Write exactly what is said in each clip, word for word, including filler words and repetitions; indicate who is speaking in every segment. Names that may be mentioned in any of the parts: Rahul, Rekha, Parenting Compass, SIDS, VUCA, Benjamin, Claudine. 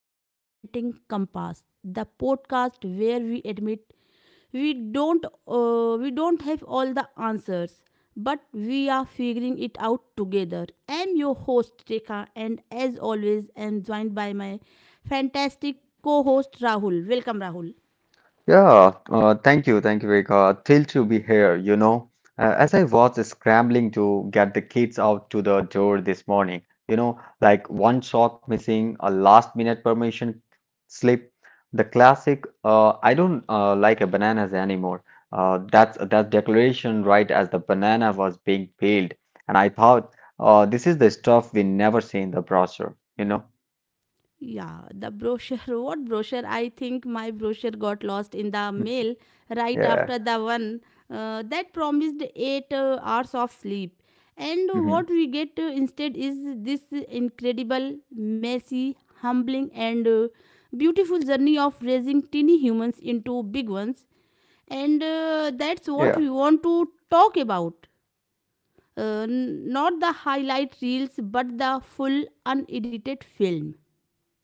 Speaker 1: to the Parenting Compass, the podcast where we admit we don't uh, we don't have all the answers, but we are figuring it out together. I'm your host Rekha and as always I'm joined by my fantastic co-host Rahul. Welcome Rahul.
Speaker 2: Yeah, uh, thank you, thank you, Rekha. Thrilled to be here, you know. Uh, as I was scrambling to get the kids out to the door this morning, you know, like one sock missing, a last minute permission slip, the classic, uh, I don't uh, like a bananas anymore. Uh, that's that declaration right as the banana was being peeled. And I thought, uh, this is the stuff we never see in the brochure, you know?
Speaker 1: Yeah, the brochure. What brochure? I think my brochure got lost in the mail right
Speaker 2: Yeah.
Speaker 1: after the one uh, that promised eight uh, hours of sleep. And what
Speaker 2: Hmm.
Speaker 1: we get uh, instead is this incredible, messy, humbling, and uh, beautiful journey of raising teeny humans into big ones. And uh, that's what
Speaker 2: Yeah.
Speaker 1: we want to talk about. Uh, n- not the highlight reels, but the full unedited film.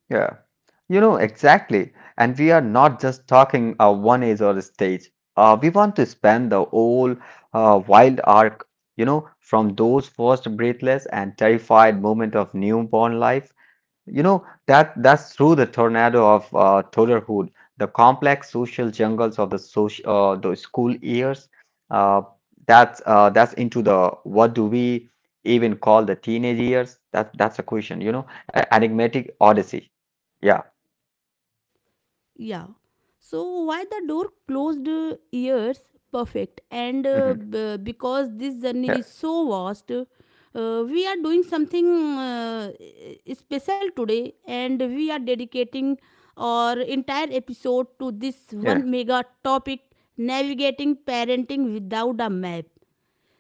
Speaker 2: Yeah. You know, exactly. And we are not just talking uh, one age or a stage. Uh, we want to span the whole uh, wild arc, you know, from those first breathless and terrified moment of newborn life. You know, that that's through the tornado of uh, toddlerhood, the complex social jungles of the social, uh, the school years. Uh, that's uh, that's into the what do we even call the teenage years? That that's a question, you know, a- enigmatic odyssey. Yeah.
Speaker 1: Yeah. So why the door closed uh, years perfect and uh,
Speaker 2: Hmm.
Speaker 1: b- because this
Speaker 2: Yeah,
Speaker 1: journey is so vast uh, we are doing something uh, special today, and we are dedicating our entire episode to this
Speaker 2: yeah.
Speaker 1: one mega topic: navigating parenting without a map.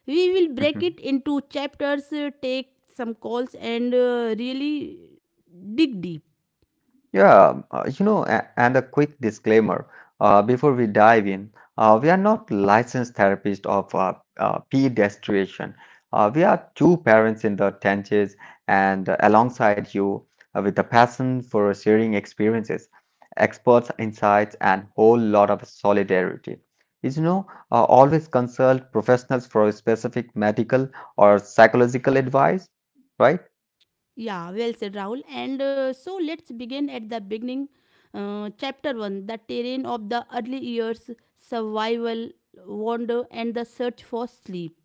Speaker 1: We will break
Speaker 2: Hmm.
Speaker 1: it into chapters, uh, take some calls, and uh, really dig deep.
Speaker 2: Yeah. um, Uh, you know, a- and a quick disclaimer uh, before we dive in, uh, we are not licensed therapists of uh, uh, pediatrician. Uh, we are two parents in the trenches and uh, alongside you uh, with a passion for sharing experiences, experts' insights, and whole lot of solidarity. Is you know, uh, always consult professionals for specific medical or psychological advice, right?
Speaker 1: Yeah, well said, Rahul. And uh, so let's begin at the beginning. Uh, chapter one, the terrain of the early years, survival, wander, and the search for sleep.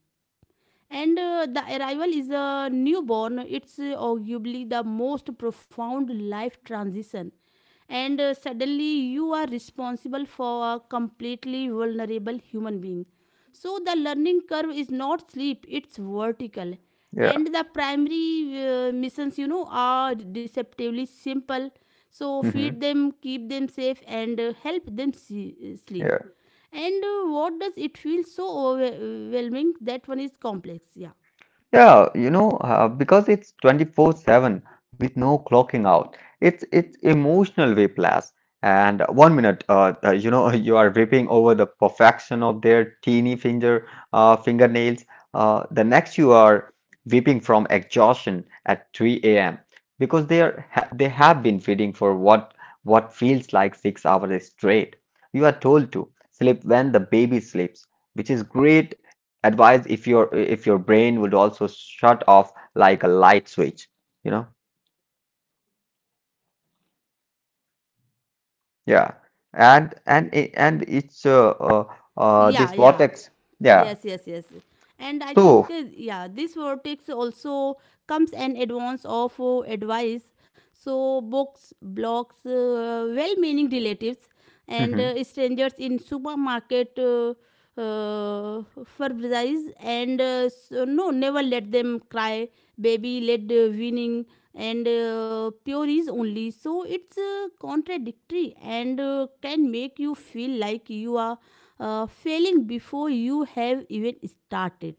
Speaker 1: And uh, the arrival is a newborn, it's uh, arguably the most profound life transition. And uh, suddenly, you are responsible for a completely vulnerable human being. So the learning curve is not steep, it's vertical.
Speaker 2: Yeah.
Speaker 1: And the primary uh, missions, you know, are deceptively simple. So feed
Speaker 2: Hmm.
Speaker 1: them, keep them safe, and uh, help them see- uh, sleep.
Speaker 2: Yeah.
Speaker 1: And uh, what does it feel so overwhelming that one is complex? yeah
Speaker 2: Yeah, you know, uh, because it's twenty-four seven with no clocking out. It's it's emotional whiplash. And one minute, uh, uh, you know, you are weeping over the perfection of their teeny finger uh, fingernails. Uh, the next, you are weeping from exhaustion at three a m because they are ha they have been feeding for what what feels like six hours straight. You are told to sleep when the baby sleeps, which is great advice if your if your brain would also shut off like a light switch you know yeah. And and it- and it's uh, uh, uh this
Speaker 1: yeah yeah
Speaker 2: vortex. Yeah.
Speaker 1: Yes, yes, yes. And I
Speaker 2: So.
Speaker 1: think, uh, yeah, this vortex also comes an advance of uh, advice. So, books, blogs, uh, well meaning relatives, and uh, strangers in supermarket uh, uh, fabrize, and uh, so, no, never let them cry. Baby led uh, winning and uh, pure is only. So it's uh, contradictory, and uh, can make you feel like you are uh, failing before you have even started.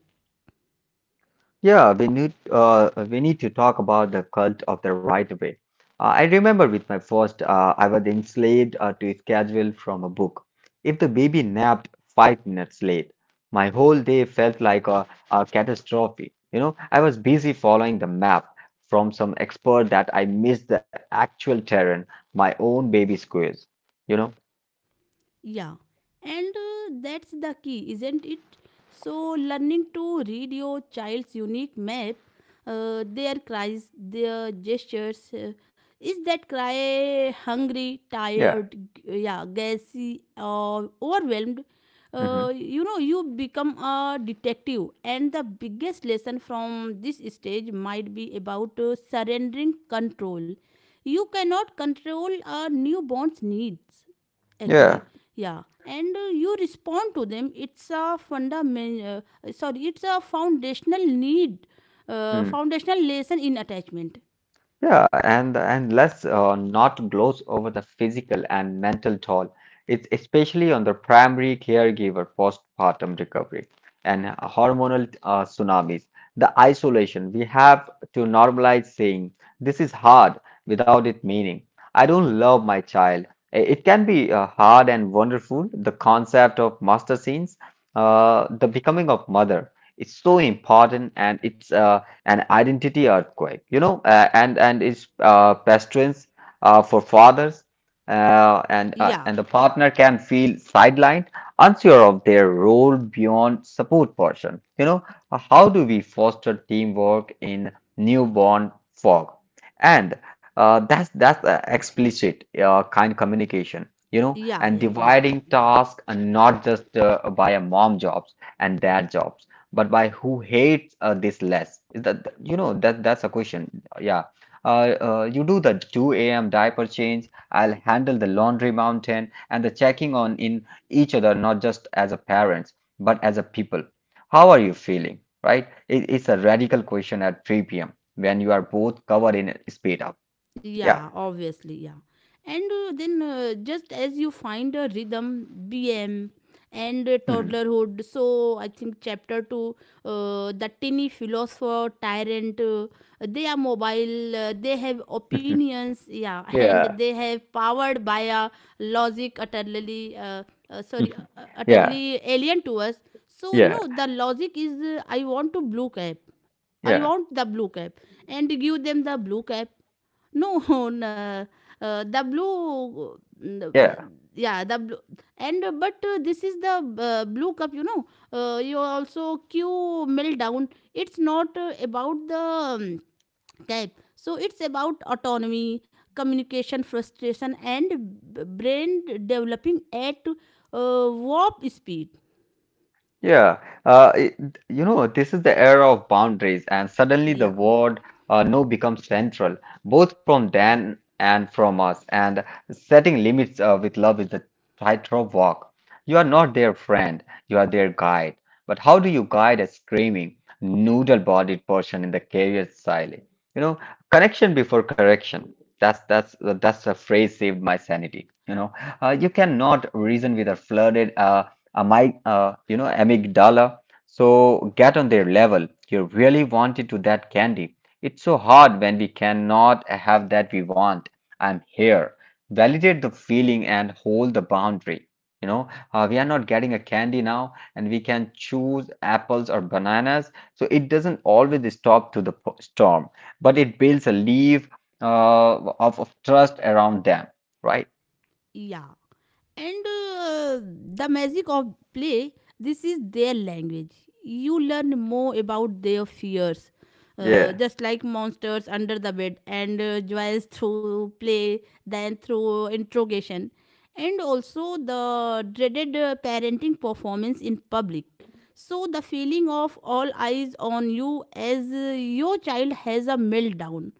Speaker 2: Yeah, we need uh, we need to talk about the cult of the right way. Uh, I remember with my first, uh, I was enslaved uh, to a schedule from a book. If the baby napped five minutes late, my whole day felt like a, a catastrophe. You know, I was busy following the map from some expert that I missed the actual terrain, my own baby squeeze. You know?
Speaker 1: Yeah, and uh, that's the key, isn't it? So learning to read your child's unique map, uh, their cries, their gestures. Uh, is that cry hungry,
Speaker 2: Yeah.
Speaker 1: tired, g- yeah, gassy, or overwhelmed?
Speaker 2: Hmm.
Speaker 1: Uh, you know, you become a detective, and the biggest lesson from this stage might be about uh, surrendering control. You cannot control a newborn's needs
Speaker 2: Yeah.
Speaker 1: actually. Yeah, and uh, you respond to them. It's a fundamental, uh, sorry it's a foundational need, uh, foundational lesson in attachment.
Speaker 2: Yeah, and and let's uh, not gloss over the physical and mental toll. It's especially on the primary caregiver postpartum recovery and hormonal uh, tsunamis. The isolation we have to normalize saying this is hard without it meaning I don't love my child. I- It can be uh, hard and wonderful. The concept of master scenes, uh, the becoming of mother, it's so important and it's uh, an identity earthquake, you know, uh, and and its uh, patrons uh, for fathers uh, and uh,
Speaker 1: yeah
Speaker 2: and the partner can feel sidelined, unsure of their role beyond support person. You know, Uh, how do we foster teamwork in newborn fog? And uh, that's that's uh, explicit uh, kind communication, you know,
Speaker 1: yeah
Speaker 2: and
Speaker 1: yeah yeah
Speaker 2: dividing tasks and not just uh, by a mom jobs and dad jobs but by who hates uh, this less? Is that that- you know that that's a question. Yeah. Uh, uh, you do the two a m diaper change. I'll handle the laundry mountain and the checking on in each other, not just as a parents, but as a people. How are you feeling? Right? It, it's a radical question at three p m when you are both covered in speed up.
Speaker 1: Yeah,
Speaker 2: Yeah.
Speaker 1: obviously, yeah. And uh, then uh, just as you find a rhythm, B M and uh,
Speaker 2: Mhm.
Speaker 1: toddlerhood. So I think chapter two, uh, the tiny philosopher tyrant. Uh, they are mobile. Uh, they have opinions. Yeah, and
Speaker 2: Yeah.
Speaker 1: they have powered by a logic utterly, uh, uh, sorry, uh, uh,
Speaker 2: Yeah,
Speaker 1: utterly alien to us. So you
Speaker 2: yeah,
Speaker 1: know the logic is, uh, I want to blue cap. I
Speaker 2: yeah,
Speaker 1: want the blue cap, and give them the blue cap. No, no, uh, the blue, mm,
Speaker 2: yeah.
Speaker 1: yeah, the blue, and uh, but uh, this is the uh, blue cup, you know. Uh, you also Q mill down. It's not uh, about the um, type, so it's about autonomy, communication, frustration, and b- brain developing at uh, warp speed.
Speaker 2: Yeah, uh, it, you know, this is the era of boundaries, and suddenly the
Speaker 1: Yeah,
Speaker 2: word uh, no becomes central, both from Dan and from us. And setting limits uh, with love is a tightrope walk. You are not their friend, you are their guide. But how do you guide a screaming, noodle-bodied person in the career silence? You know, Connection before correction. That's that's that's a phrase saved my sanity. You know, uh, you cannot reason with a flooded. Uh, uh, my uh, you know amygdala. So get on their level. You really wanted to that candy. It's so hard when we cannot have that we want. I'm here. Validate the feeling and hold the boundary you know uh, we are not getting a candy now and we can choose apples or bananas so it doesn't always stop to the p- storm but it builds a leaf uh, of, of trust around them, right?
Speaker 1: yeah. And uh, the magic of play, this is their language. You learn more about their fears, uh,
Speaker 2: Yeah,
Speaker 1: just like monsters under the bed, and uh, joys through play than through interrogation, and also the dreaded uh, parenting performance in public. So the feeling of all eyes on you as uh, your child has a meltdown,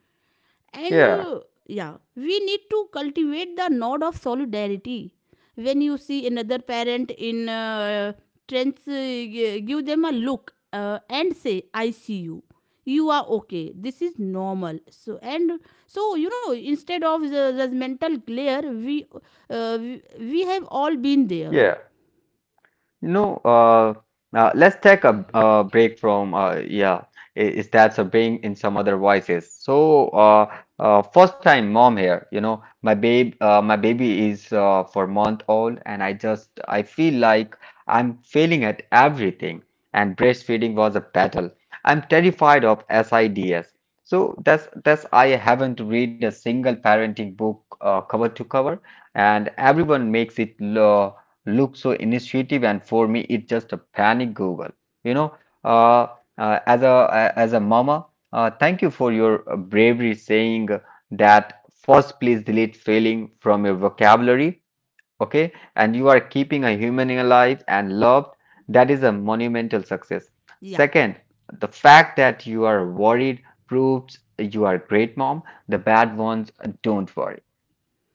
Speaker 1: and
Speaker 2: yeah,
Speaker 1: uh, yeah, we need to cultivate the nod of solidarity. When you see another parent in uh, trends, uh, gi- give them a look uh, and say, "I see you. You are okay. This is normal." So and so, you know, instead of the, the mental glare, we, uh, we we have all been there.
Speaker 2: yeah. You know, uh, uh, let's take a, a break from, uh, yeah, I- is that a bring in some other voices. So, uh, uh, first time mom here, you know, my babe, uh, my baby is uh, four month old, and I just, I feel like I'm failing at everything, and breastfeeding was a battle. I'm terrified of SIDS. So that's that's I haven't read a single parenting book uh, cover to cover, and everyone makes it uh, look so initiative and for me it's just a panic google you know uh, uh, as a uh, as a mama, uh, thank you for your uh, bravery saying that. First, please delete failing from your vocabulary, okay? And you are keeping a human alive and loved. That is a monumental success.
Speaker 1: Yeah.
Speaker 2: Second, the fact that you are worried proves you are a great mom. The bad ones don't worry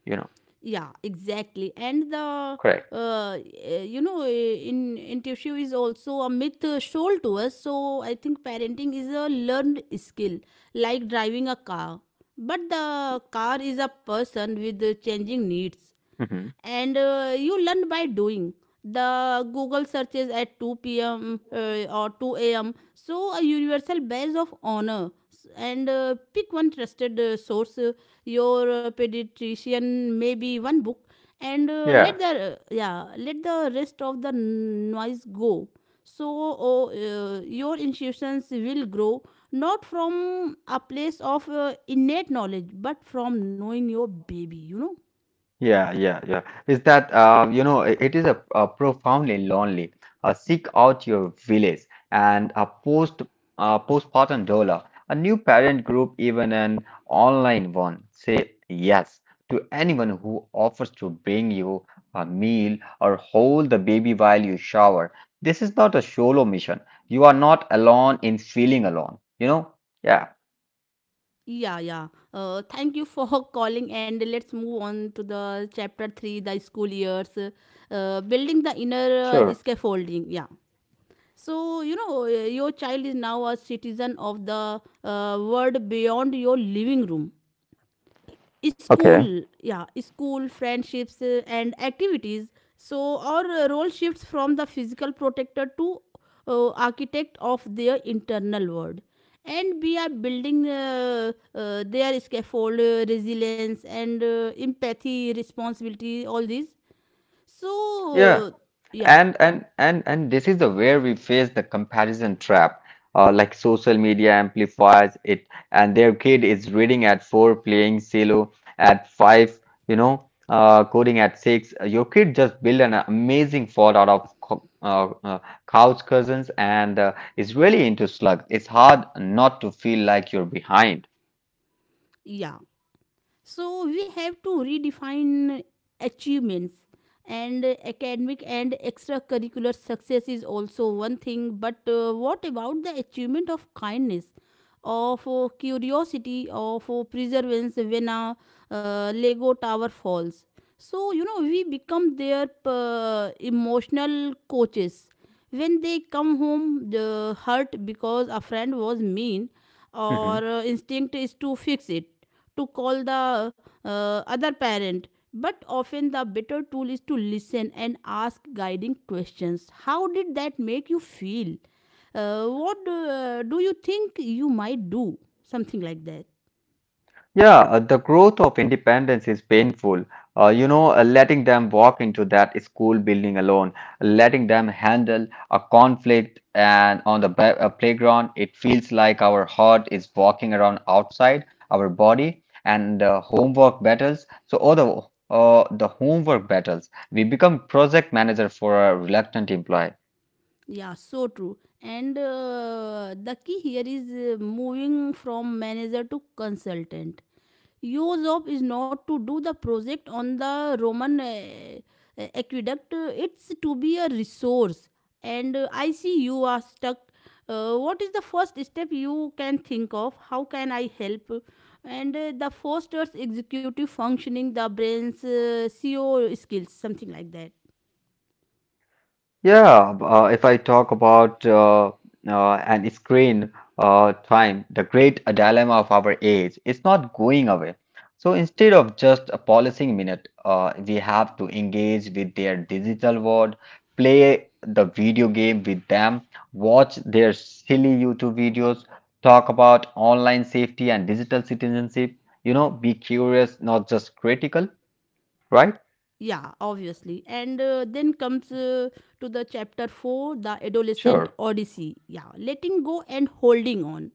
Speaker 2: you know
Speaker 1: Yeah, exactly. And the
Speaker 2: Correct.
Speaker 1: uh, eh, you know, eh, in intuitive is also a myth uh, sold to us. So I think parenting is a learned skill, like driving a car, but the car is a person with uh, changing needs,
Speaker 2: Hmm.
Speaker 1: and uh, you learn by doing. The google searches at two p.m. uh, or two a.m., so a universal badge of honor. S- and uh, pick one trusted uh, source, uh, your uh, pediatrician, maybe one book, and uh, let
Speaker 2: Yeah.
Speaker 1: the yeah let the rest of the noise go. So oh, uh, your institutions will grow, not from a place of uh, innate knowledge, but from knowing your baby, you know.
Speaker 2: Yeah, yeah, yeah. Is that uh, you know it, it is a, a profoundly lonely. Uh, seek out your village and a post uh, postpartum doula, a new parent group, even an online one. Say yes to anyone who offers to bring you a meal or hold the baby while you shower. This is not a solo mission. You are not alone in feeling alone. You know? Yeah,
Speaker 1: Yeah, yeah. Uh, thank you for calling, and let's move on to the chapter three, the school years, uh, building the inner uh,
Speaker 2: sure.
Speaker 1: scaffolding. Yeah. So you know uh, your child is now a citizen of the uh, world beyond your living room.
Speaker 2: Okay.
Speaker 1: School, yeah, school, friendships uh, and activities. So our uh, role shifts from the physical protector to uh, architect of their internal world, and we are building uh, uh, their scaffold, uh, resilience, and uh, empathy, responsibility, all these.
Speaker 2: Yeah.
Speaker 1: so uh, yeah
Speaker 2: And and and and this is the where we face the comparison trap. Uh, like social media amplifies it, and their kid is reading at four, playing solo at five, you know, uh, coding at six. Your kid just built an amazing fort out of co- uh, uh, couch cousins and uh, is really into slugs. It's hard not to feel like you're behind.
Speaker 1: yeah So we have to redefine achievements, and academic and extracurricular success is also one thing, but uh, what about the achievement of kindness, of uh, curiosity, of uh, perseverance when a uh, lego tower falls? So you know we become their uh, emotional coaches. When they come home the hurt because a friend was mean, or uh, instinct is to fix it, to call the uh, other parent. But often the better tool is to listen and ask guiding questions. How did that make you feel? Uh, what uh, do you think you might do? Something like that.
Speaker 2: Yeah, uh, the growth of independence is painful. Uh, you know, uh, letting them walk into that school building alone, letting them handle a conflict and on the ba- uh, playground, it feels like our heart is walking around outside our body and uh, homework battles. So, all the, uh, the homework battles, we become project manager for a reluctant employee.
Speaker 1: Yeah, so true. And uh, the key here is uh, moving from manager to consultant. Your job is not to do the project on the Roman uh, uh, aqueduct, Uh, it's to be a resource. And uh, I see you are stuck. Uh, what is the first step you can think of? How can I help? And uh, the foster's executive functioning, the brain's uh, C O skills, something like that.
Speaker 2: Yeah, b- uh, if I talk about uh, uh, and screen uh, time, the great uh, dilemma of our age is not going away. So instead of just a policing minute, uh, we have to engage with their digital world, play the video game with them, watch their silly YouTube videos, talk about online safety and digital citizenship. You know, be curious, not just critical, right?
Speaker 1: Yeah obviously, and uh, then comes uh, to the chapter four, the adolescent
Speaker 2: Sure.
Speaker 1: odyssey, yeah, letting go and holding on.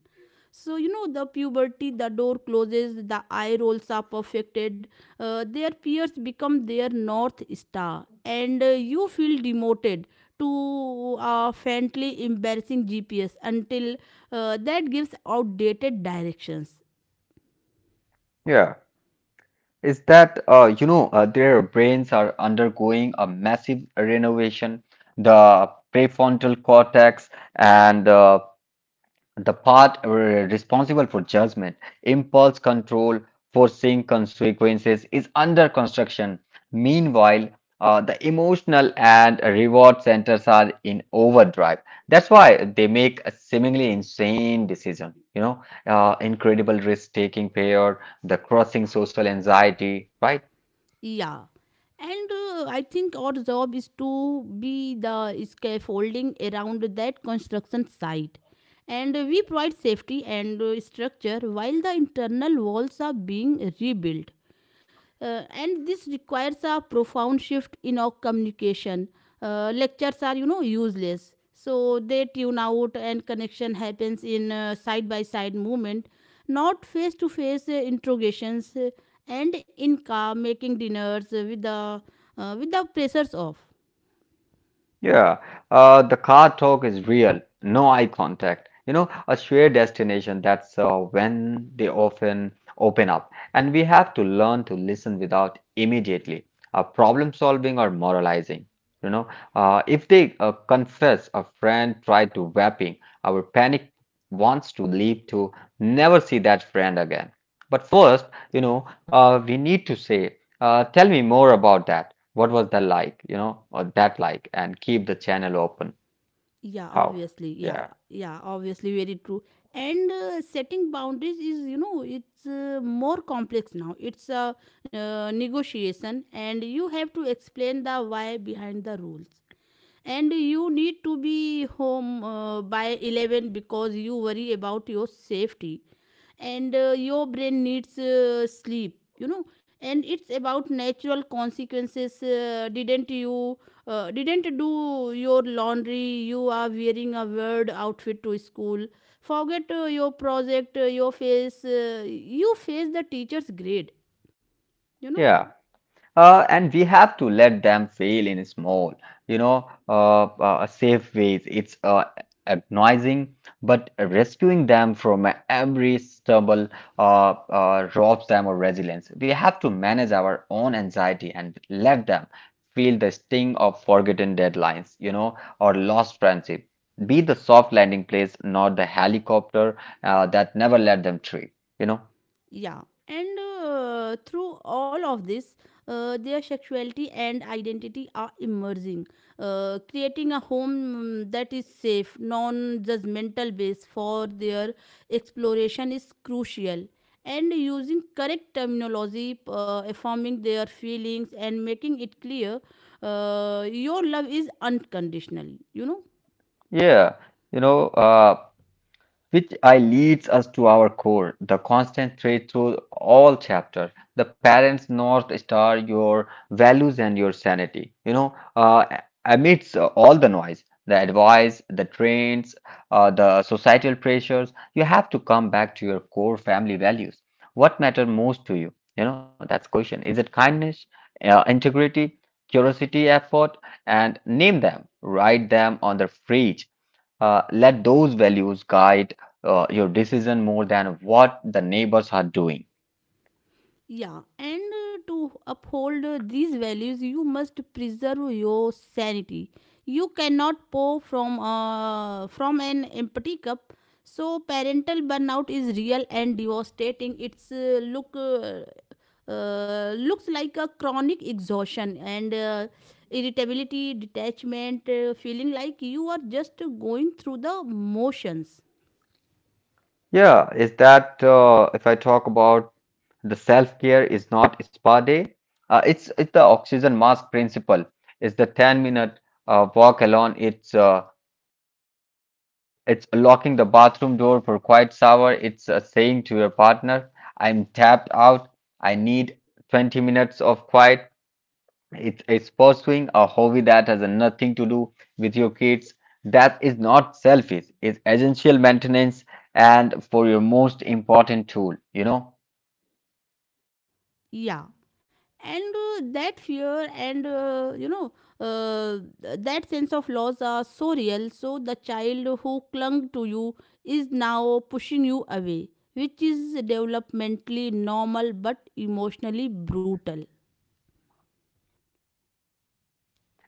Speaker 1: So you know the puberty, the door closes, the eye rolls are perfected, uh, their peers become their north star, and uh, you feel demoted to a faintly embarrassing GPS until uh, that gives outdated directions.
Speaker 2: Yeah. is that uh, you know uh, Their brains are undergoing a massive renovation. The prefrontal cortex and uh, the part uh, responsible for judgment, impulse control, foreseeing consequences is under construction. Meanwhile, uh, the emotional and reward centers are in overdrive. That's why they make a seemingly insane decision. You know, uh, incredible risk-taking pair, the crossing social anxiety, right?
Speaker 1: Yeah. And uh, I think our job is to be the scaffolding around that construction site. And we provide safety and uh, structure while the internal walls are being rebuilt. Uh, and this requires a profound shift in our communication. Uh, lectures are, you know, useless. So they tune out, and connection happens in uh, side by side movement, not face to face interrogations, uh, and in car making dinners uh, with the uh, with the pressures off.
Speaker 2: Yeah, uh, the car talk is real, no eye contact. You know, a shared destination, that's uh, when they often open up. And we have to learn to listen without immediately uh, problem solving or moralizing. You know, uh, if they uh, confess a friend tried to vaping, our panic wants to leap to never see that friend again. But first, you know, uh, we need to say uh, tell me more about that. What was that like, you know, or that like, and keep the channel open.
Speaker 1: yeah
Speaker 2: How?
Speaker 1: obviously yeah
Speaker 2: Yeah.
Speaker 1: yeah obviously very true. And uh, setting boundaries is, you know, it's uh, more complex now. It's a uh, negotiation, and you have to explain the why behind the rules. And you need to be home uh, by eleven because you worry about your safety, and uh, your brain needs uh, sleep, you know. And it's about natural consequences. Uh, didn't you uh, didn't do your laundry, you are wearing a weird outfit to school. Forget uh, your project, uh, your face uh, you face the teacher's grade, you know.
Speaker 2: Yeah. Uh, and we have to let them fail in small, you know, uh, uh, safe ways. It's uh, agonizing, but rescuing them from every stumble uh, uh, robs them of resilience. We have to manage our own anxiety and let them feel the sting of forgotten deadlines, you know, or lost friendship. Be the soft landing place, not the helicopter uh, that never let them trip, you know.
Speaker 1: Yeah, and uh, through all of this, uh, their sexuality and identity are emerging. Uh, creating a home mm, that is safe, non judgmental base for their exploration is crucial. And using correct terminology, uh, affirming their feelings, and making it clear uh, your love is unconditional, you know.
Speaker 2: Yeah, you know. Uh, Which I leads us to our core, the constant thread through all chapters, the parents' north star, your values and your sanity. You know, uh, amidst uh, all the noise, the advice, the trends, uh, the societal pressures, you have to come back to your core family values. What matter most to you? You know, that's question. Is it kindness, uh, integrity, curiosity, effort, and name them, write them on the fridge. Uh, let those values guide uh, your decision more than what the neighbors are doing.
Speaker 1: Yeah, and uh, to uphold uh, these values, you must preserve your sanity. You cannot pour from uh, from an empty cup. So parental burnout is real and devastating. It's uh, look uh, uh, looks like a chronic exhaustion and uh, irritability, detachment, uh, feeling like you are just going through the motions.
Speaker 2: Yeah, is that uh, if I talk about the self-care is not spa day, uh, it's it's the oxygen mask principle. It's the ten-minute uh, walk alone. It's uh, it's locking the bathroom door for quiet shower. It's uh, saying to your partner, "I'm tapped out. I need twenty minutes of quiet." It's, it's pursuing a hobby that has nothing to do with your kids. That is not selfish. It's essential maintenance and for your most important tool, you know?
Speaker 1: Yeah, and uh, that fear and uh, you know uh, that sense of loss are so real. So the child who clung to you is now pushing you away, which is developmentally normal but emotionally brutal.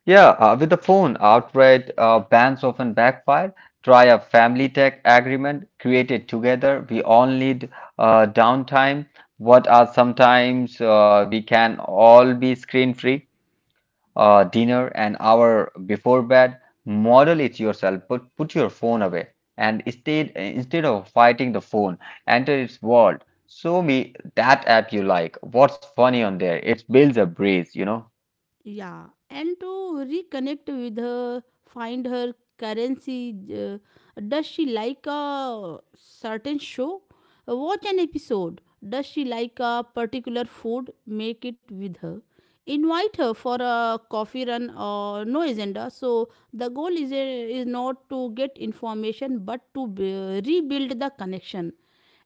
Speaker 2: Yeah, uh, with the phone, outright uh, bans often backfire. Try a family tech agreement created together. We all need uh, downtime. What are sometimes uh, we can all be screen free. Uh, dinner an hour before bed. Model it yourself. Put put your phone away and instead instead of fighting the phone, enter its world. Show me that app you like. What's funny on there? It builds a breeze, you know?
Speaker 1: Yeah, and to reconnect with her, find her currency. Uh, does she like a certain show? Uh, Watch an episode. Does she like a particular food? Make it with her. Invite her for a coffee run or no agenda. So the goal is a, is not to get information, but to be, rebuild the connection,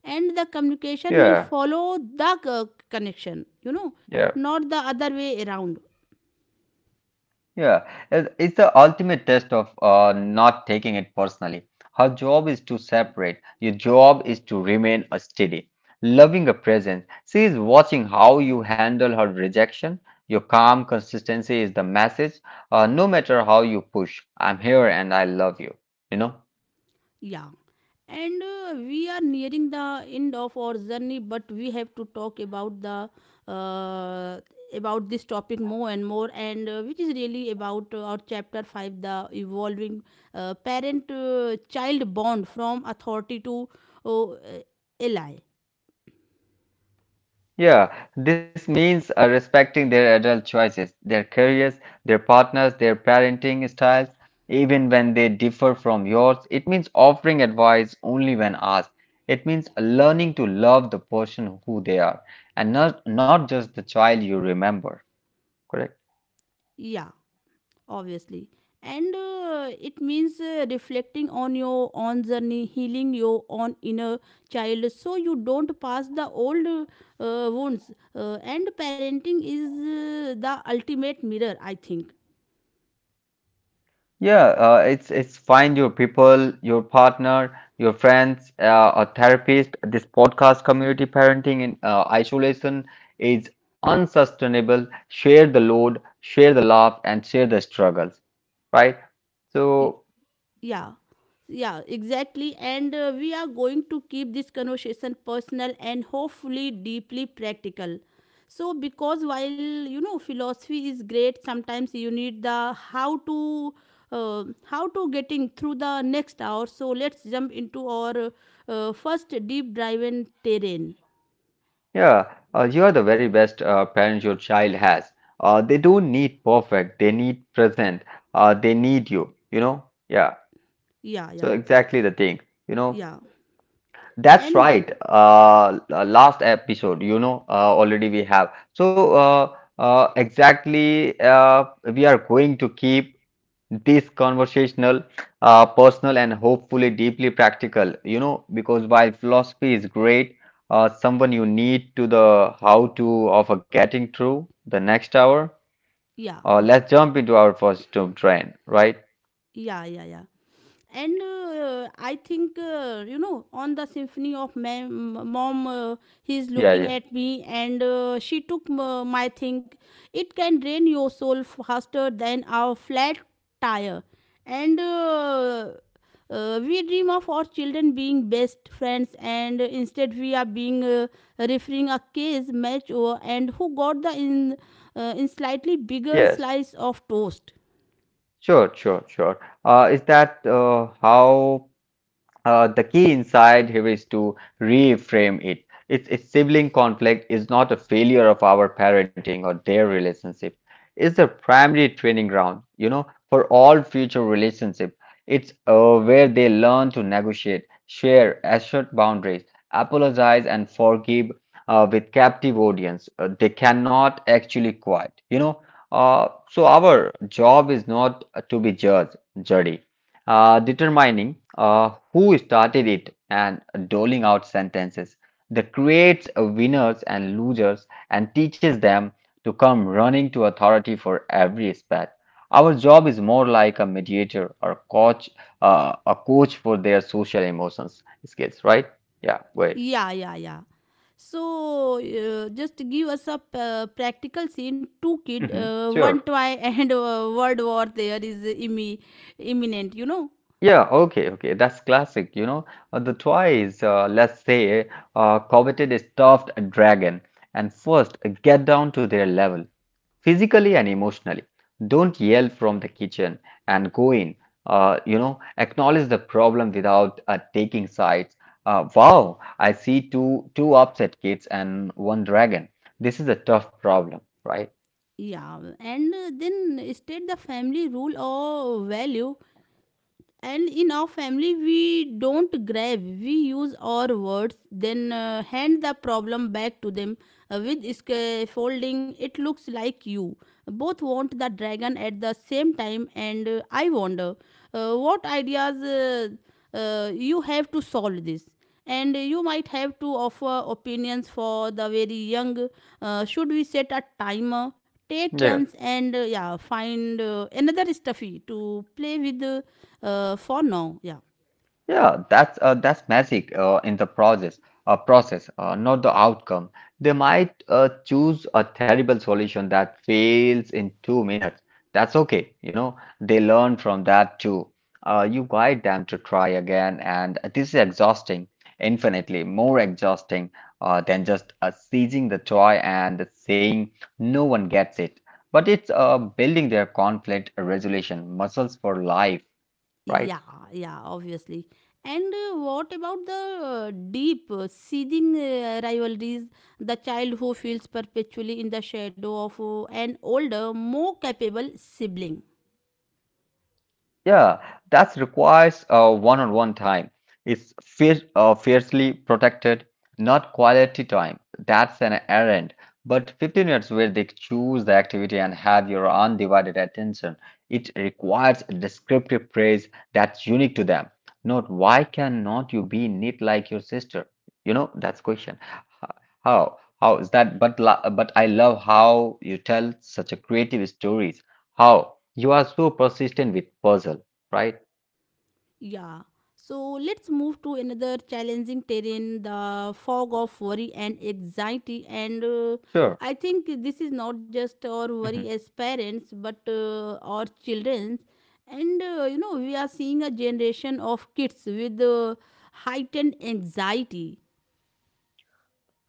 Speaker 1: and the communication will
Speaker 2: Yeah,
Speaker 1: follow the uh, connection. You know,
Speaker 2: yeah.
Speaker 1: not the other way around.
Speaker 2: Yeah, it- it's the ultimate test of uh, not taking it personally. Her job is to separate. Your job is to remain a steady, loving a presence. She is watching how you handle her rejection. Your calm consistency is the message. Uh, no matter how you push, I'm here and I love you. You know?
Speaker 1: Yeah. And uh, we are nearing the end of our journey, but we have to talk about the uh, about this topic more and more, and uh, which is really about uh, our chapter five, the evolving uh, parent-child bond from authority to oh, uh, ally.
Speaker 2: Yeah, this means uh, respecting their adult choices, their careers, their partners, their parenting styles, even when they differ from yours. It means offering advice only when asked. It means learning to love the person who they are and not, not just the child you remember. Correct?
Speaker 1: Yeah. Obviously. And uh, it means uh, reflecting on your own journey, healing your own inner child so you don't pass the old uh, wounds, uh, and parenting is uh, the ultimate mirror, I think.
Speaker 2: Yeah, uh, it's it's find your people, your partner, your friends, uh, a therapist. This podcast, community parenting in uh, isolation, is unsustainable. Share the load, share the laugh, and share the struggles, right?
Speaker 1: E,
Speaker 2: So
Speaker 1: Yeah, yeah, exactly. And uh, we are going to keep this conversation personal and hopefully deeply practical. So, because while you know philosophy is great, sometimes you need the how to. Uh, how to getting through the next hour, so let's jump into our uh, first deep drive in terrain.
Speaker 2: yeah, uh, you are the very best uh, parent your child has. Uh, they don't need perfect. They need present. Uh, they need you. You know? Yeah.
Speaker 1: Yeah,
Speaker 2: So
Speaker 1: yeah,
Speaker 2: exactly the thing. You know?
Speaker 1: yeah.
Speaker 2: That's
Speaker 1: And
Speaker 2: right. Uh, l- last episode, you know, uh, already we have. So, uh, uh, exactly, uh, we are going to keep this conversational, uh, personal, and hopefully deeply practical, you know, because while philosophy is great, uh, someone you need to the how to of a getting through the next hour.
Speaker 1: yeah,
Speaker 2: Uh, let's jump into our first tomb train, right?
Speaker 1: yeah, yeah, yeah. And uh, I think, uh, you know on the symphony of ma- m- mom, uh, he is
Speaker 2: Yeah,
Speaker 1: looking
Speaker 2: yeah.
Speaker 1: at me, and uh, she took m- my think. It can drain your soul faster than a flat tire. And uh, uh, we dream of our children being best friends, and instead we are being uh, referring a case match over, and who got the in, uh, in slightly bigger
Speaker 2: Yes,
Speaker 1: slice of toast.
Speaker 2: sure, sure, sure. Uh, is that uh, How? Uh, the key inside here is to reframe it. It's, it's sibling conflict is not a failure of our parenting or their relationship. It's the primary training ground, you know, for all future relationship. It's uh, where they learn to negotiate, share, assert boundaries, apologize, and forgive uh, with captive audience. Uh, they cannot actually quiet, you know. Uh, so our job is not to be judge, jury uh, determining uh, who started it and doling out sentences that creates a winners and losers and teaches them to come running to authority for every spat. Our job is more like a mediator or coach, uh, a coach for their social emotions skills, right? Yeah, wait.
Speaker 1: Yeah, yeah, yeah. So uh, just give us a p- uh, practical scene. Two kid,
Speaker 2: Hmm.
Speaker 1: uh, one
Speaker 2: Sure.
Speaker 1: toy, and uh, world war there is immi- imminent. You know.
Speaker 2: Yeah, okay, okay. That's classic, you know. Uh, the twice, uh, let's say, uh, coveted a stuffed dragon, and first uh, get down to their level, physically and emotionally. Don't yell from the kitchen and go in. Uh, you know, acknowledge the problem without uh, taking sides. Uh, wow, I see two two upset kids and one dragon. This is a tough problem, right?
Speaker 1: Yeah, and uh, then state the family rule or value. And in our family we don't grab, we use our words. Then uh, hand the problem back to them uh, with scaffolding. It looks like you both want the dragon at the same time, and uh, I wonder, uh, what ideas uh, uh, you have to solve this. And you might have to offer opinions for the very young. Uh, should we set a timer, take
Speaker 2: Yeah.
Speaker 1: turns, and uh, yeah, find uh, another stuffy to play with uh, uh, for now? Yeah,
Speaker 2: Yeah, that's uh, that's magic uh, in the process, uh, process, uh, not the outcome. They might uh, choose a terrible solution that fails in two minutes. That's okay, you know. They learn from that too. Uh, you guide them to try again, and this is exhausting, infinitely more exhausting uh, than just uh, seizing the toy and saying no one gets it. But it's uh, building their conflict resolution muscles for life, right?
Speaker 1: yeah, yeah. Obviously. And uh, what about the uh, deep, uh, seething uh, rivalries, the child who feels perpetually in the shadow of uh, an older, more capable sibling?
Speaker 2: Yeah, that requires uh, one-on-one time. It's fier uh, fiercely protected, not quality time. That's an errand. But fifteen minutes where they choose the activity and have your undivided attention. It requires a descriptive praise that's unique to them. Not why cannot you be neat like your sister? You know, that's question. H- How? How is that? But la- but I love how you tell such a creative stories. How? You are so persistent with puzzle, right?
Speaker 1: Yeah. So let's move to another challenging terrain, the fog of worry and anxiety. And uh,
Speaker 2: Sure.
Speaker 1: I think this is not just our worry
Speaker 2: Hmm.
Speaker 1: as parents, but uh, our children. And uh, you know, we are seeing a generation of kids with uh, heightened anxiety.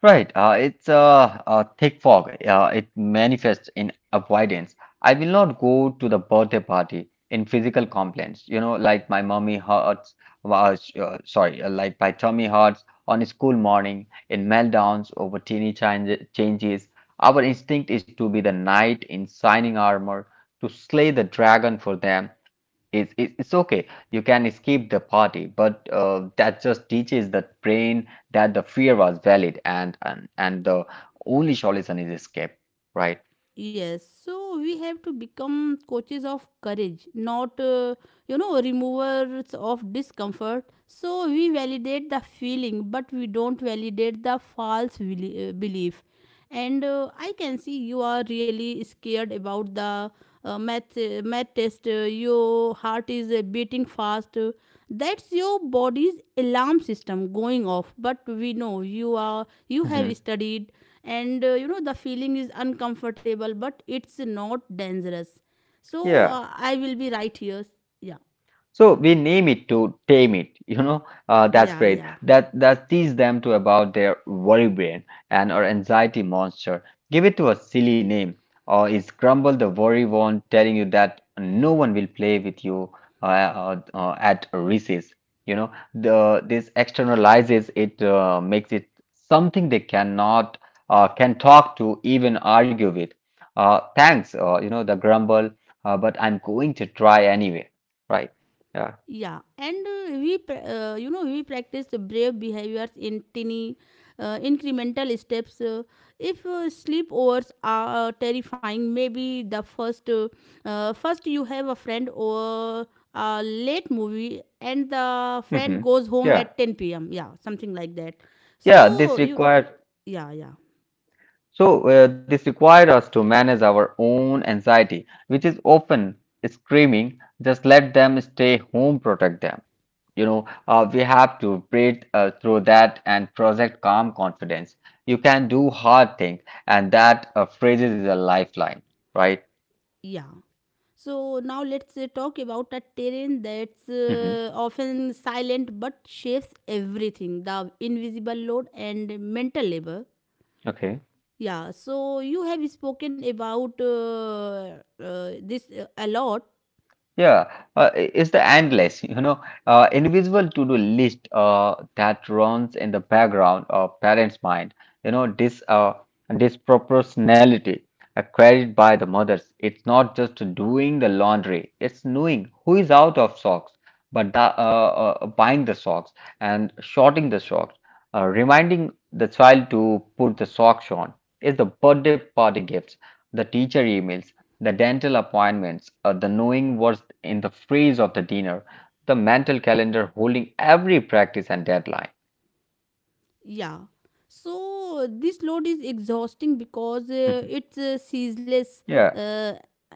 Speaker 2: Right. Uh, it's a, a thick fog. Uh, it manifests in avoidance. I will not go to the birthday party in physical complaints, you know, like my mummy hurts, uh, sh- uh, sorry, uh, like my tummy hurts on a school morning, in meltdowns over teeny change changes. Our instinct is to be the knight in shining armor, to slay the dragon for them. It's, it's it's okay. You can skip the party, but uh, that just teaches the brain that the fear was valid and and, and the only solution is escape, right?
Speaker 1: Yes, so we have to become coaches of courage, not, uh, you know, removers of discomfort. So we validate the feeling, but we don't validate the false beli- uh, belief. And uh, I can see you are really scared about the uh, math, uh, math test. Uh, your heart is uh, beating fast. Uh, that's your body's alarm system going off. But we know you are you have
Speaker 2: Hmm.
Speaker 1: studied, and uh, you know the feeling is uncomfortable but it's not dangerous, so
Speaker 2: Yeah.
Speaker 1: uh, I will be right here. Yeah,
Speaker 2: So we name it to tame it, you know, uh, that's
Speaker 1: yeah,
Speaker 2: phrase
Speaker 1: yeah,
Speaker 2: that that teach them to about their worry brain and or anxiety monster. Give it to a silly name, or is Grumble the worry one telling you that no one will play with you uh, uh, uh, at recess? You know, the this externalizes it, uh, makes it something they cannot uh, can talk to, even argue with. Uh, thanks, uh, you know, the Grumble, uh, but I'm going to try anyway, right? Yeah.
Speaker 1: yeah. And uh, we pra- uh, you know we practice the brave behaviors in tiny uh, incremental steps. Uh, if uh, sleepovers are terrifying, maybe the first uh, uh, first you have a friend, or a late movie and the friend
Speaker 2: Hmm.
Speaker 1: goes home
Speaker 2: Yeah.
Speaker 1: at ten p m, yeah, something like that,
Speaker 2: Yeah. This
Speaker 1: so you.
Speaker 2: required
Speaker 1: Yeah, yeah.
Speaker 2: So uh, this required us to manage our own anxiety, which is often screaming, just let them stay home, protect them. You know, uh, we have to breathe uh, through that and project calm confidence. You can do hard things, and that uh, phrases is a lifeline, right?
Speaker 1: Yeah. So now let's uh, talk about a terrain that's
Speaker 2: Hmm.
Speaker 1: uh, often silent but shapes everything, the invisible load and mental labor.
Speaker 2: Okay.
Speaker 1: Yeah, so you have spoken about uh, uh, this uh, a lot.
Speaker 2: Yeah, uh, i- it's the endless, you know, uh, invisible to-do list uh, that runs in the background of parents' mind. You know, this uh, disproportionality uh, carried by the mothers. It's not just doing the laundry; it's knowing who is out of socks, but the, uh, uh, buying the socks and shorting the socks, uh, reminding the child to put the socks on. It's the birthday party gifts, the teacher emails, the dental appointments, uh, the knowing what's in the freeze of the dinner, the mental calendar holding every practice and deadline.
Speaker 1: Yeah. So this load is exhausting because uh, it's uh, ceaseless,
Speaker 2: Yeah.
Speaker 1: uh,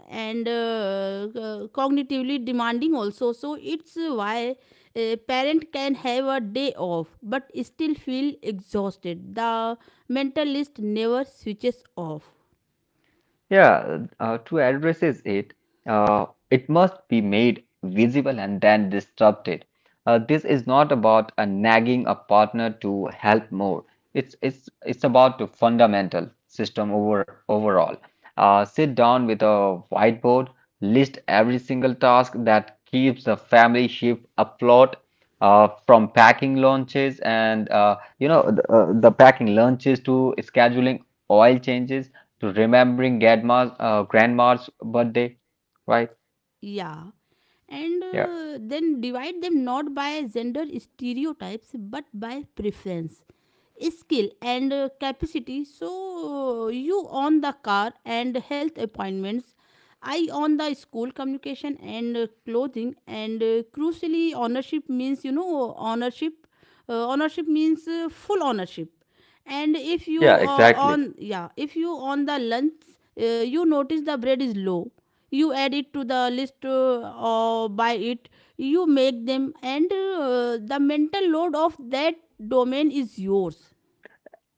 Speaker 1: and uh, uh, cognitively demanding also. So it's uh, why a parent can have a day off but still feel exhausted. The mental list never switches off.
Speaker 2: Yeah, uh, to addresses it, uh, it must be made visible and then disrupted. Uh, this is not about a nagging a partner to help more. It's it's it's about the fundamental system over overall. Uh, sit down with a whiteboard, list every single task that keeps the family ship afloat. Uh, from packing lunches and uh, you know the, uh, the packing lunches to scheduling oil changes to remembering grandma's uh, grandma's birthday, right?
Speaker 1: Yeah. And
Speaker 2: Yeah,
Speaker 1: uh, then divide them not by gender stereotypes but by preference, skill, and uh, capacity. So uh, you own the car and health appointments. I own the school communication and uh, clothing. And uh, crucially, ownership means, you know, ownership uh, ownership means uh, full ownership. and if you
Speaker 2: yeah,
Speaker 1: uh,
Speaker 2: exactly.
Speaker 1: on yeah, if you on the lunch, uh, you notice the bread is low, you add it to the list, uh, or buy it. You make them, and uh, the mental load of that domain is yours.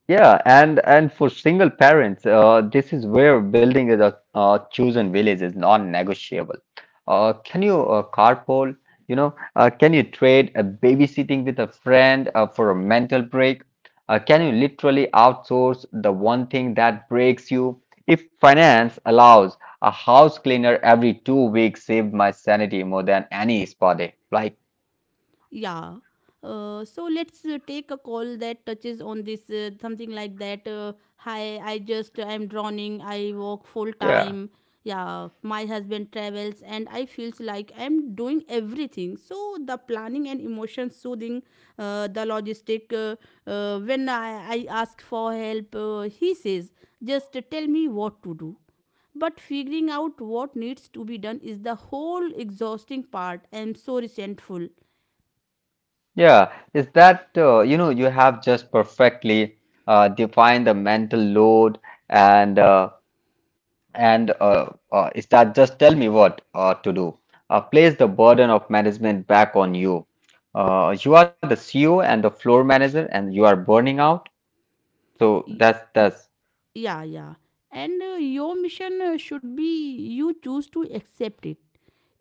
Speaker 2: Yeah, and and for single parents, uh, this is where building a, a chosen village is non-negotiable. Uh, can you uh, carpool? You know, uh, can you trade a babysitting with a friend uh, for a mental break? Uh, can you literally outsource the one thing that breaks you? If finance allows, a house cleaner every two weeks saved my sanity more than any spa day. Like,
Speaker 1: Yeah. Uh, so let's uh, take a call that touches on this, uh, something like that. Uh, Hi, I just uh, I'm drowning. I work full
Speaker 2: yeah.
Speaker 1: time. Yeah, my husband travels, and I feels like I'm doing everything. So the planning and emotion soothing, uh, the logistic. Uh, uh, when I, I ask for help, uh, he says, "Just tell me what to do." But figuring out what needs to be done is the whole exhausting part. I'm so resentful.
Speaker 2: Yeah, is that uh, you know you have just perfectly uh, defined the mental load and uh, and uh, uh, is that just tell me what uh, to do? Uh, place the burden of management back on you. Uh, you are the C E O and the floor manager, and you are burning out. So that's that's
Speaker 1: Yeah, yeah. And uh, your mission, uh, should be, you choose to accept it,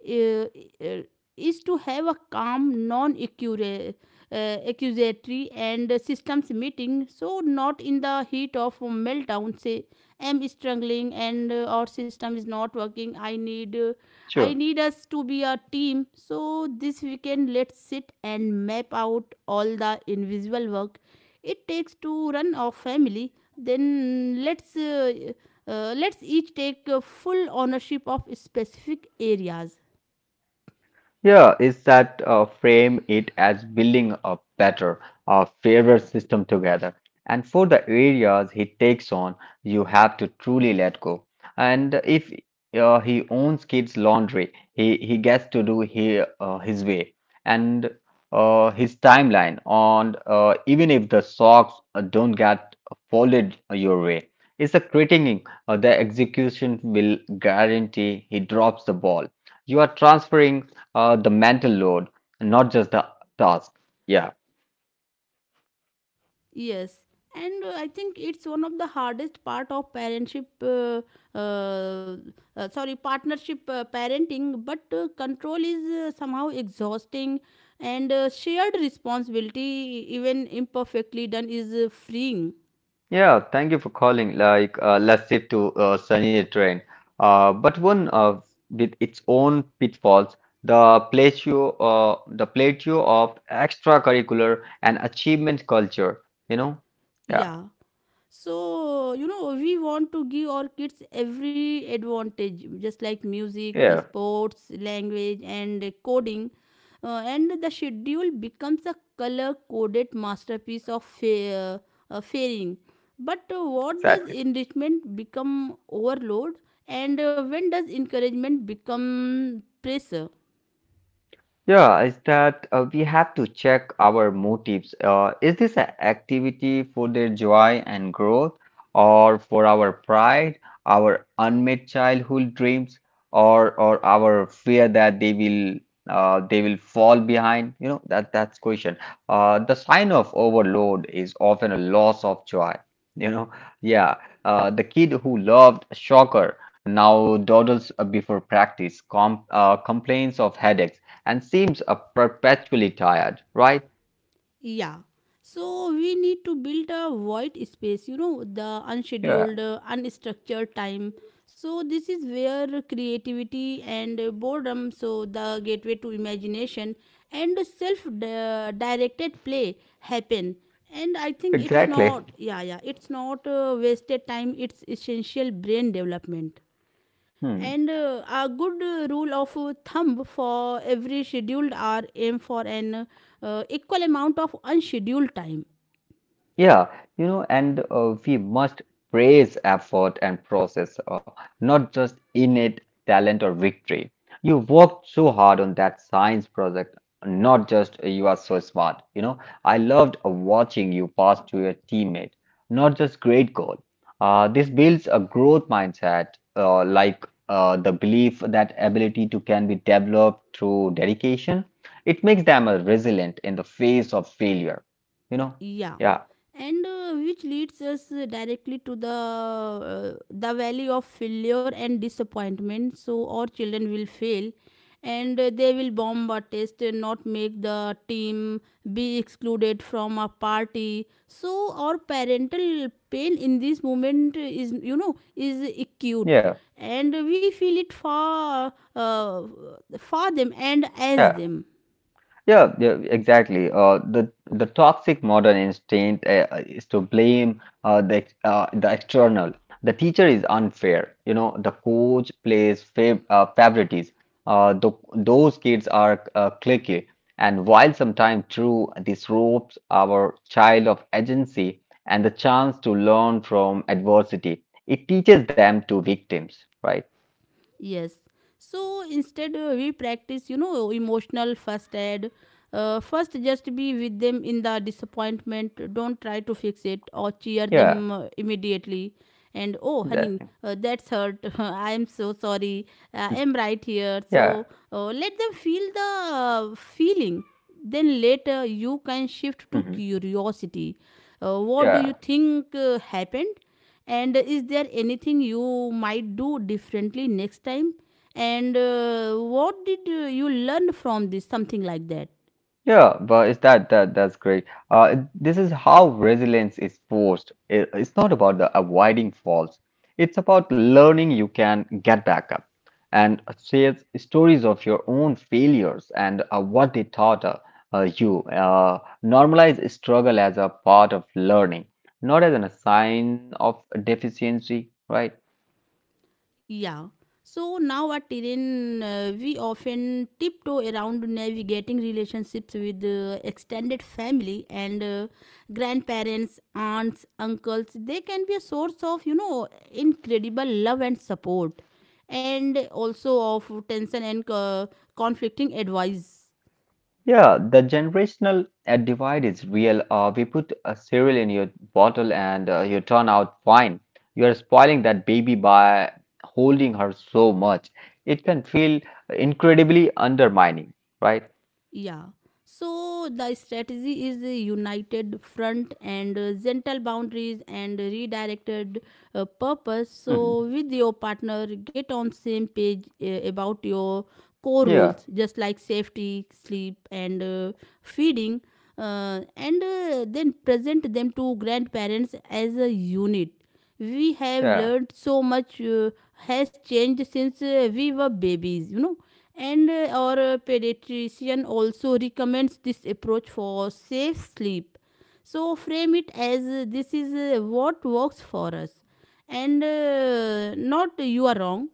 Speaker 1: uh, uh, is to have a calm, non accusatory and systems meeting, so not in the heat of meltdown. Say, "I'm struggling, and uh, our system is not working. I need, uh, I
Speaker 2: Sure.
Speaker 1: need us to be a team. So this weekend, let's sit and map out all the invisible work it takes to run our family. Then let's. Uh, uh, let's each take a full ownership of specific areas."
Speaker 2: Yeah, is that uh, frame it as building a better, a fairer system together. And for the areas he takes on, you have to truly let go. And if uh, he owns kids' laundry, he, he gets to do he, uh, his way and uh, his timeline. On uh, even if the socks uh, don't get folded your way, it's a critiquing. Uh, the execution will guarantee he drops the ball. You are transferring uh, the mental load, not just the task. Yeah.
Speaker 1: Yes, and uh, I think it's one of the hardest part of parentship. Uh, uh, uh, Sorry, partnership uh, parenting, but uh, control is uh, somehow exhausting, and uh, shared responsibility, even imperfectly done, is uh, freeing.
Speaker 2: Yeah. Thank you for calling. Like, uh, let's shift to uh, sunnier terrain. Uh, but one uh, with its own pitfalls, the plateau, uh, the plateau of extracurricular and achievement culture. You know. Yeah.
Speaker 1: Yeah. So, you know we want to give our kids every advantage, just like music,
Speaker 2: Yeah.
Speaker 1: sports, language, and coding, uh, and the schedule becomes a color coded masterpiece of fa- uh, fairing. But uh, what does
Speaker 2: Exactly.
Speaker 1: enrichment become overload? And uh, when does encouragement become pressure?
Speaker 2: Yeah, is that uh, we have to check our motives. Uh, is this an activity for their joy and growth, or for our pride, our unmet childhood dreams, or or our fear that they will uh, they will fall behind? You know that that's question. Uh, the sign of overload is often a loss of joy. You know, yeah, uh, the kid who loved soccer now dawdles uh, before practice, com uh, complains of headaches and seems uh, perpetually tired, right?
Speaker 1: Yeah. So we need to build a void space, you know, the
Speaker 2: Yeah,
Speaker 1: unscheduled, uh, unstructured time. So this is where creativity and uh, boredom, so the gateway to imagination and self-directed play, happen. And I think it's
Speaker 2: exactly.
Speaker 1: not, yeah, yeah, it's not uh, wasted time. It's essential brain development.
Speaker 2: Hmm.
Speaker 1: And uh, a good uh, rule of uh, thumb: for every scheduled hour, aim for an uh, equal amount of unscheduled time.
Speaker 2: Yeah, you know, and uh, we must praise effort and process, uh, not just innate talent or victory. You worked so hard on that science project, not just uh, you are so smart. You know, I loved uh, watching you pass to your teammate, not just great goal. Uh, this builds a growth mindset, uh, like uh, the belief that ability to can be developed through dedication. It makes them uh, resilient in the face of failure, you know.
Speaker 1: Yeah,
Speaker 2: Yeah.
Speaker 1: and uh, which leads us uh, directly to the uh, the valley of failure and disappointment. So our children will fail, and uh, they will bomb a test, and not make the team, be excluded from a party. So our parental pain in this moment is you know is acute,
Speaker 2: Yeah,
Speaker 1: and we feel it for uh, for them and as
Speaker 2: yeah,
Speaker 1: them.
Speaker 2: yeah, yeah, exactly. Uh, the the toxic modern instinct uh, is to blame uh, the ex- uh, the external. The teacher is unfair, you know. The coach plays fav uh, favorites. Uh, the, those kids are uh, cliquey, and while sometimes true, this robs our child of agency and the chance to learn from adversity. It teaches them to victims, right?
Speaker 1: Yes. So instead, uh, we practice, you know, emotional first aid. Uh, first, just be with them in the disappointment. Don't try to fix it or cheer
Speaker 2: Yeah,
Speaker 1: them uh, immediately. And, oh honey,
Speaker 2: exactly.
Speaker 1: uh, that's hurt. I am so sorry. I am right here.
Speaker 2: Yeah.
Speaker 1: So uh, let them feel the uh, feeling. Then later, you can shift
Speaker 2: Hmm,
Speaker 1: to
Speaker 2: hmm.
Speaker 1: curiosity. Uh, what do you
Speaker 2: Yeah.
Speaker 1: think uh, happened? And is there anything you might do differently next time? And uh, what did uh, you learn from this? Something like that.
Speaker 2: Yeah, but it's that that that's great. Uh, this is how resilience is forced. It- it's not about the avoiding faults. It's about learning you can get back up and share stories of your own failures and uh, what they taught uh, uh, you. Uh, normalize struggle as a part of learning, not as an a sign of deficiency, right?
Speaker 1: Yeah, so now at Iran, uh, we often tiptoe around navigating relationships with uh, extended family, and uh, grandparents, aunts, uncles. They can be a source of, you know, incredible love and support, and also of tension and uh, conflicting advice.
Speaker 2: Yeah, the generational uh, divide is real. Uh, we put a cereal in your bottle and uh, you turn out fine. You are spoiling that baby by holding her so much. It can feel incredibly undermining, right?
Speaker 1: Yeah. So the strategy is a united front, and uh, gentle boundaries, and redirected uh, purpose.
Speaker 2: Mhm.
Speaker 1: So with your partner, get on same page uh, about your core
Speaker 2: Yeah,
Speaker 1: rules, just like safety, sleep, and uh, feeding, uh, and uh, then present them to grandparents as a unit. We have
Speaker 2: yeah.
Speaker 1: learned so much, uh, has changed since uh, we were babies, you know. And uh, our uh, pediatrician also recommends this approach for safe sleep. So frame it as, uh, this is uh, what works for us, and uh, not, "you are wrong."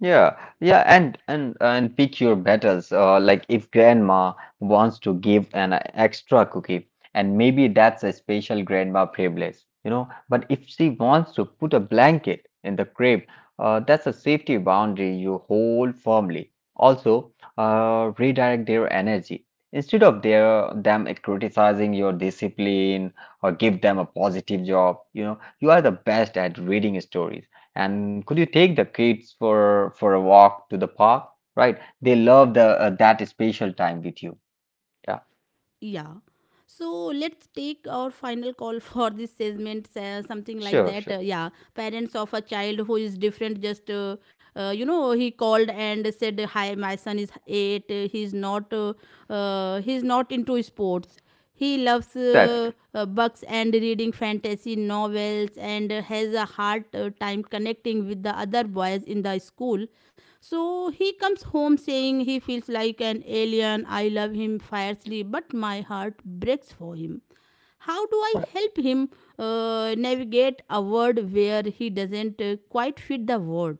Speaker 2: Yeah, yeah, and and and pick your battles. Uh, like if grandma wants to give an extra cookie, and maybe that's a special grandma privilege, you know. But if she wants to put a blanket in the crib, uh, that's a safety boundary you hold firmly. Also, uh, redirect their energy instead of their them criticizing your discipline or give them a positive job. You know, you are the best at reading stories and could you take the kids for for a walk to the park? Right? They love the uh, that special time with you. Yeah,
Speaker 1: Yeah. So let's take our final call for this segment, uh, something like
Speaker 2: sure,
Speaker 1: that. Uh,
Speaker 2: sure.
Speaker 1: yeah, parents of a child who is different, just uh, uh, you know, he called and said, "Hi, my son is eight. uh, He's not, uh, uh, he's not into sports. He loves uh,
Speaker 2: That.
Speaker 1: uh, books and reading fantasy novels, and uh, has a hard uh, time connecting with the other boys in the school." So he comes home saying he feels like an alien. I love him fiercely, but my heart breaks for him. How do I help him uh, navigate a world where he doesn't uh, quite fit the word?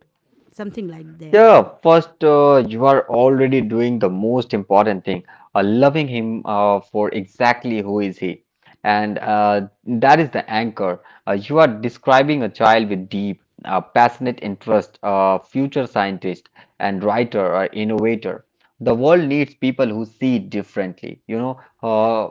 Speaker 1: Something like that.
Speaker 2: Yeah, first, uh, you are already doing the most important thing, uh, loving him uh, for exactly who is he. And uh, that is the anchor. Uh, you are describing a child with deep, uh, passionate interest, uh, future scientist and writer or innovator. The world needs people who see it differently, you know? Uh,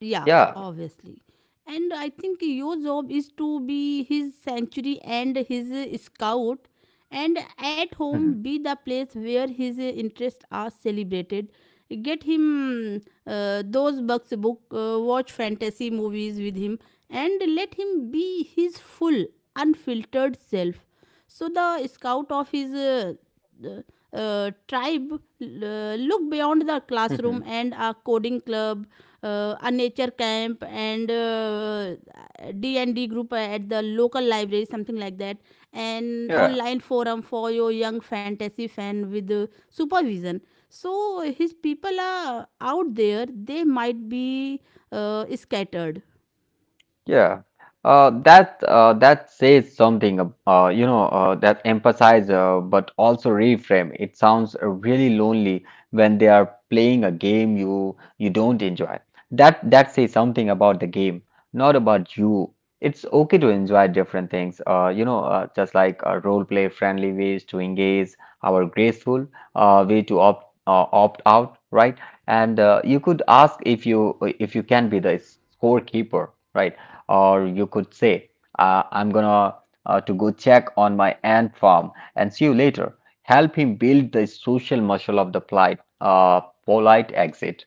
Speaker 1: Yeah,
Speaker 2: yeah.
Speaker 1: obviously. And I think your job is to be his sanctuary and his uh, scout, and at home
Speaker 2: Mhm.
Speaker 1: be the place where his uh, interests are celebrated. Get him uh, those books, book, uh, Watch fantasy movies with him, and let him be his full, unfiltered self. So the scout of his uh, uh, tribe uh, looked beyond the classroom,
Speaker 2: Mhm.
Speaker 1: and a coding club, uh, a nature camp, and uh, D and D group at the local library, something like that, an
Speaker 2: Yeah.
Speaker 1: online forum for your young fantasy fan with uh, supervision. So his people are out there; they might be uh, scattered.
Speaker 2: Yeah, uh, that uh, that says something, ab- uh, you know, uh, that emphasize uh, but also reframe. It sounds uh, really lonely when they are playing a game you you don't enjoy. That that says something about the game, not about you. It's okay to enjoy different things, uh, you know, uh, just like uh, role play friendly ways to engage, our graceful uh, way to opt uh, opt out, right? And uh, you could ask if you if you can be the scorekeeper, right? Or you could say, uh, I'm gonna uh, to go check on my ant farm and see you later. Help him build the social muscle of the polite, uh, polite exit.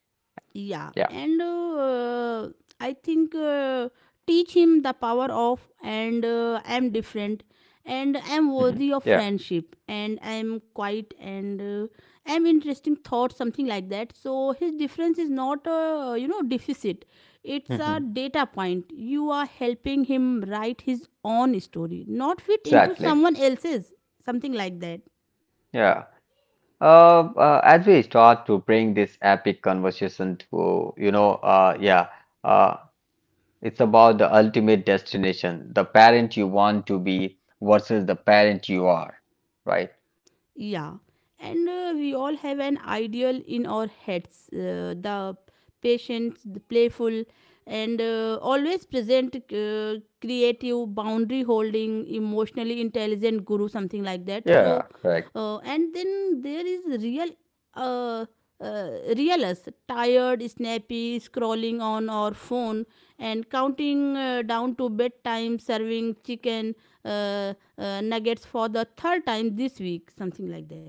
Speaker 1: Yeah,
Speaker 2: Yeah.
Speaker 1: and uh, I think, uh, teach him the power of and. uh, I'm different,
Speaker 2: Hmm. Yeah.
Speaker 1: and I'm worthy of friendship, and I'm quiet, and uh, I'm interesting thought, something like that. So his difference is not a you know deficit, it's a
Speaker 2: Hmm.
Speaker 1: data point. You are helping him write his own story, not fit into
Speaker 2: Exactly.
Speaker 1: someone else's, something like that.
Speaker 2: Yeah. Uh, uh, as we start to bring this epic conversation to, you know, uh, yeah, uh, it's about the ultimate destination, the parent you want to be versus the parent you are, right?
Speaker 1: Yeah, and uh, we all have an ideal in our heads: uh, the patient, the playful, and uh, always present, uh, creative, boundary holding, emotionally intelligent guru, something like that.
Speaker 2: Yeah,
Speaker 1: So,
Speaker 2: correct.
Speaker 1: uh, and then there is real uh, uh, real us, tired, snappy, scrolling on our phone, and counting uh, down to bedtime, serving chicken uh, uh, nuggets for the third time this week, something like that.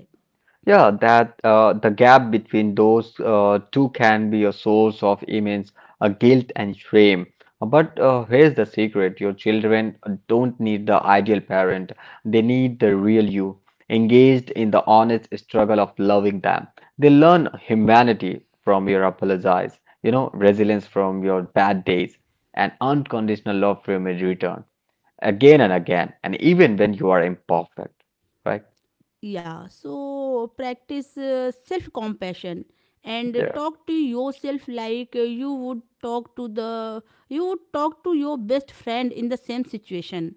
Speaker 2: Yeah, that uh, the gap between those uh, two can be a source of immense uh, guilt and shame. But uh, here's the secret: your children don't need the ideal parent; they need the real you, engaged in the honest struggle of loving them. They learn humanity from your apologies, you know, resilience from your bad days, and unconditional love from your return, again and again, and even when you are imperfect, right?
Speaker 1: Yeah, so practice uh, self compassion and
Speaker 2: Yeah.
Speaker 1: talk to yourself like uh, you would talk to the you would talk to your best friend in the same situation.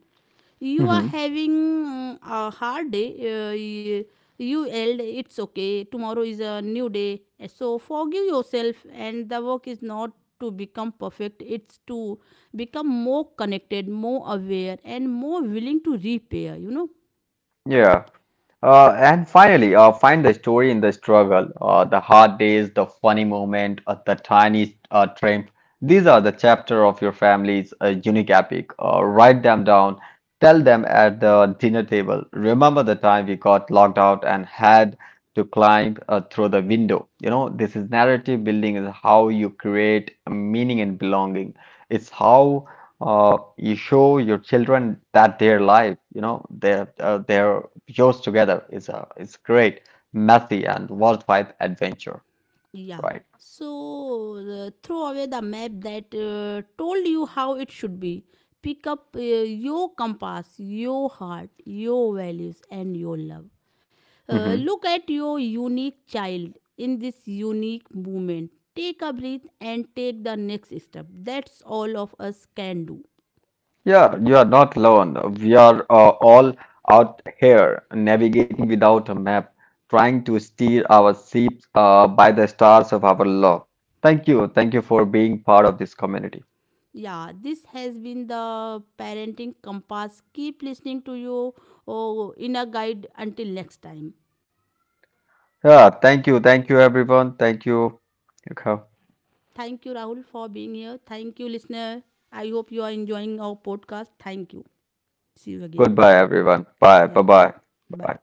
Speaker 1: You are having mm, a hard day. Uh, y- you yelled. It's okay, tomorrow is a new day. So forgive yourself. And the work is not to become perfect, it's to become more connected, more aware, and more willing to repair, you know.
Speaker 2: Yeah. Uh, and finally, uh, find the story in the struggle, uh, the hard days, the funny moment, uh, the tiny uh, triumph. These are the chapter of your family's uh, unique epic. Uh, write them down. Tell them at the dinner table. Remember the time we got locked out and had to climb uh, through the window. You know, this is narrative building is how you create meaning and belonging. It's how uh, you show your children that their life, you know, their uh, their yours together is a is great, messy and worldwide adventure,
Speaker 1: Yeah,
Speaker 2: right?
Speaker 1: so uh, throw away the map that uh, told you how it should be. Pick up uh, your compass, your heart, your values, and your love. Uh,
Speaker 2: Hmm.
Speaker 1: look at your unique child in this unique moment. Take a breath and take the next step. That's all of us can do.
Speaker 2: Yeah, you are not alone. We are uh, all out here navigating without a map, trying to steer our ships uh, by the stars of our love. Thank you, thank you for being part of this community.
Speaker 1: Yeah, this has been the parenting compass. Keep listening to your oh, inner guide until next time.
Speaker 2: Yeah, thank you, thank you everyone, thank you. Okay.
Speaker 1: Thank you, Rahul, for being here. Thank you, listener. I hope you are enjoying our podcast. Thank you. See you again.
Speaker 2: Goodbye everyone. Bye,
Speaker 1: Yeah,
Speaker 2: bye, bye.
Speaker 1: bye.
Speaker 2: Bye.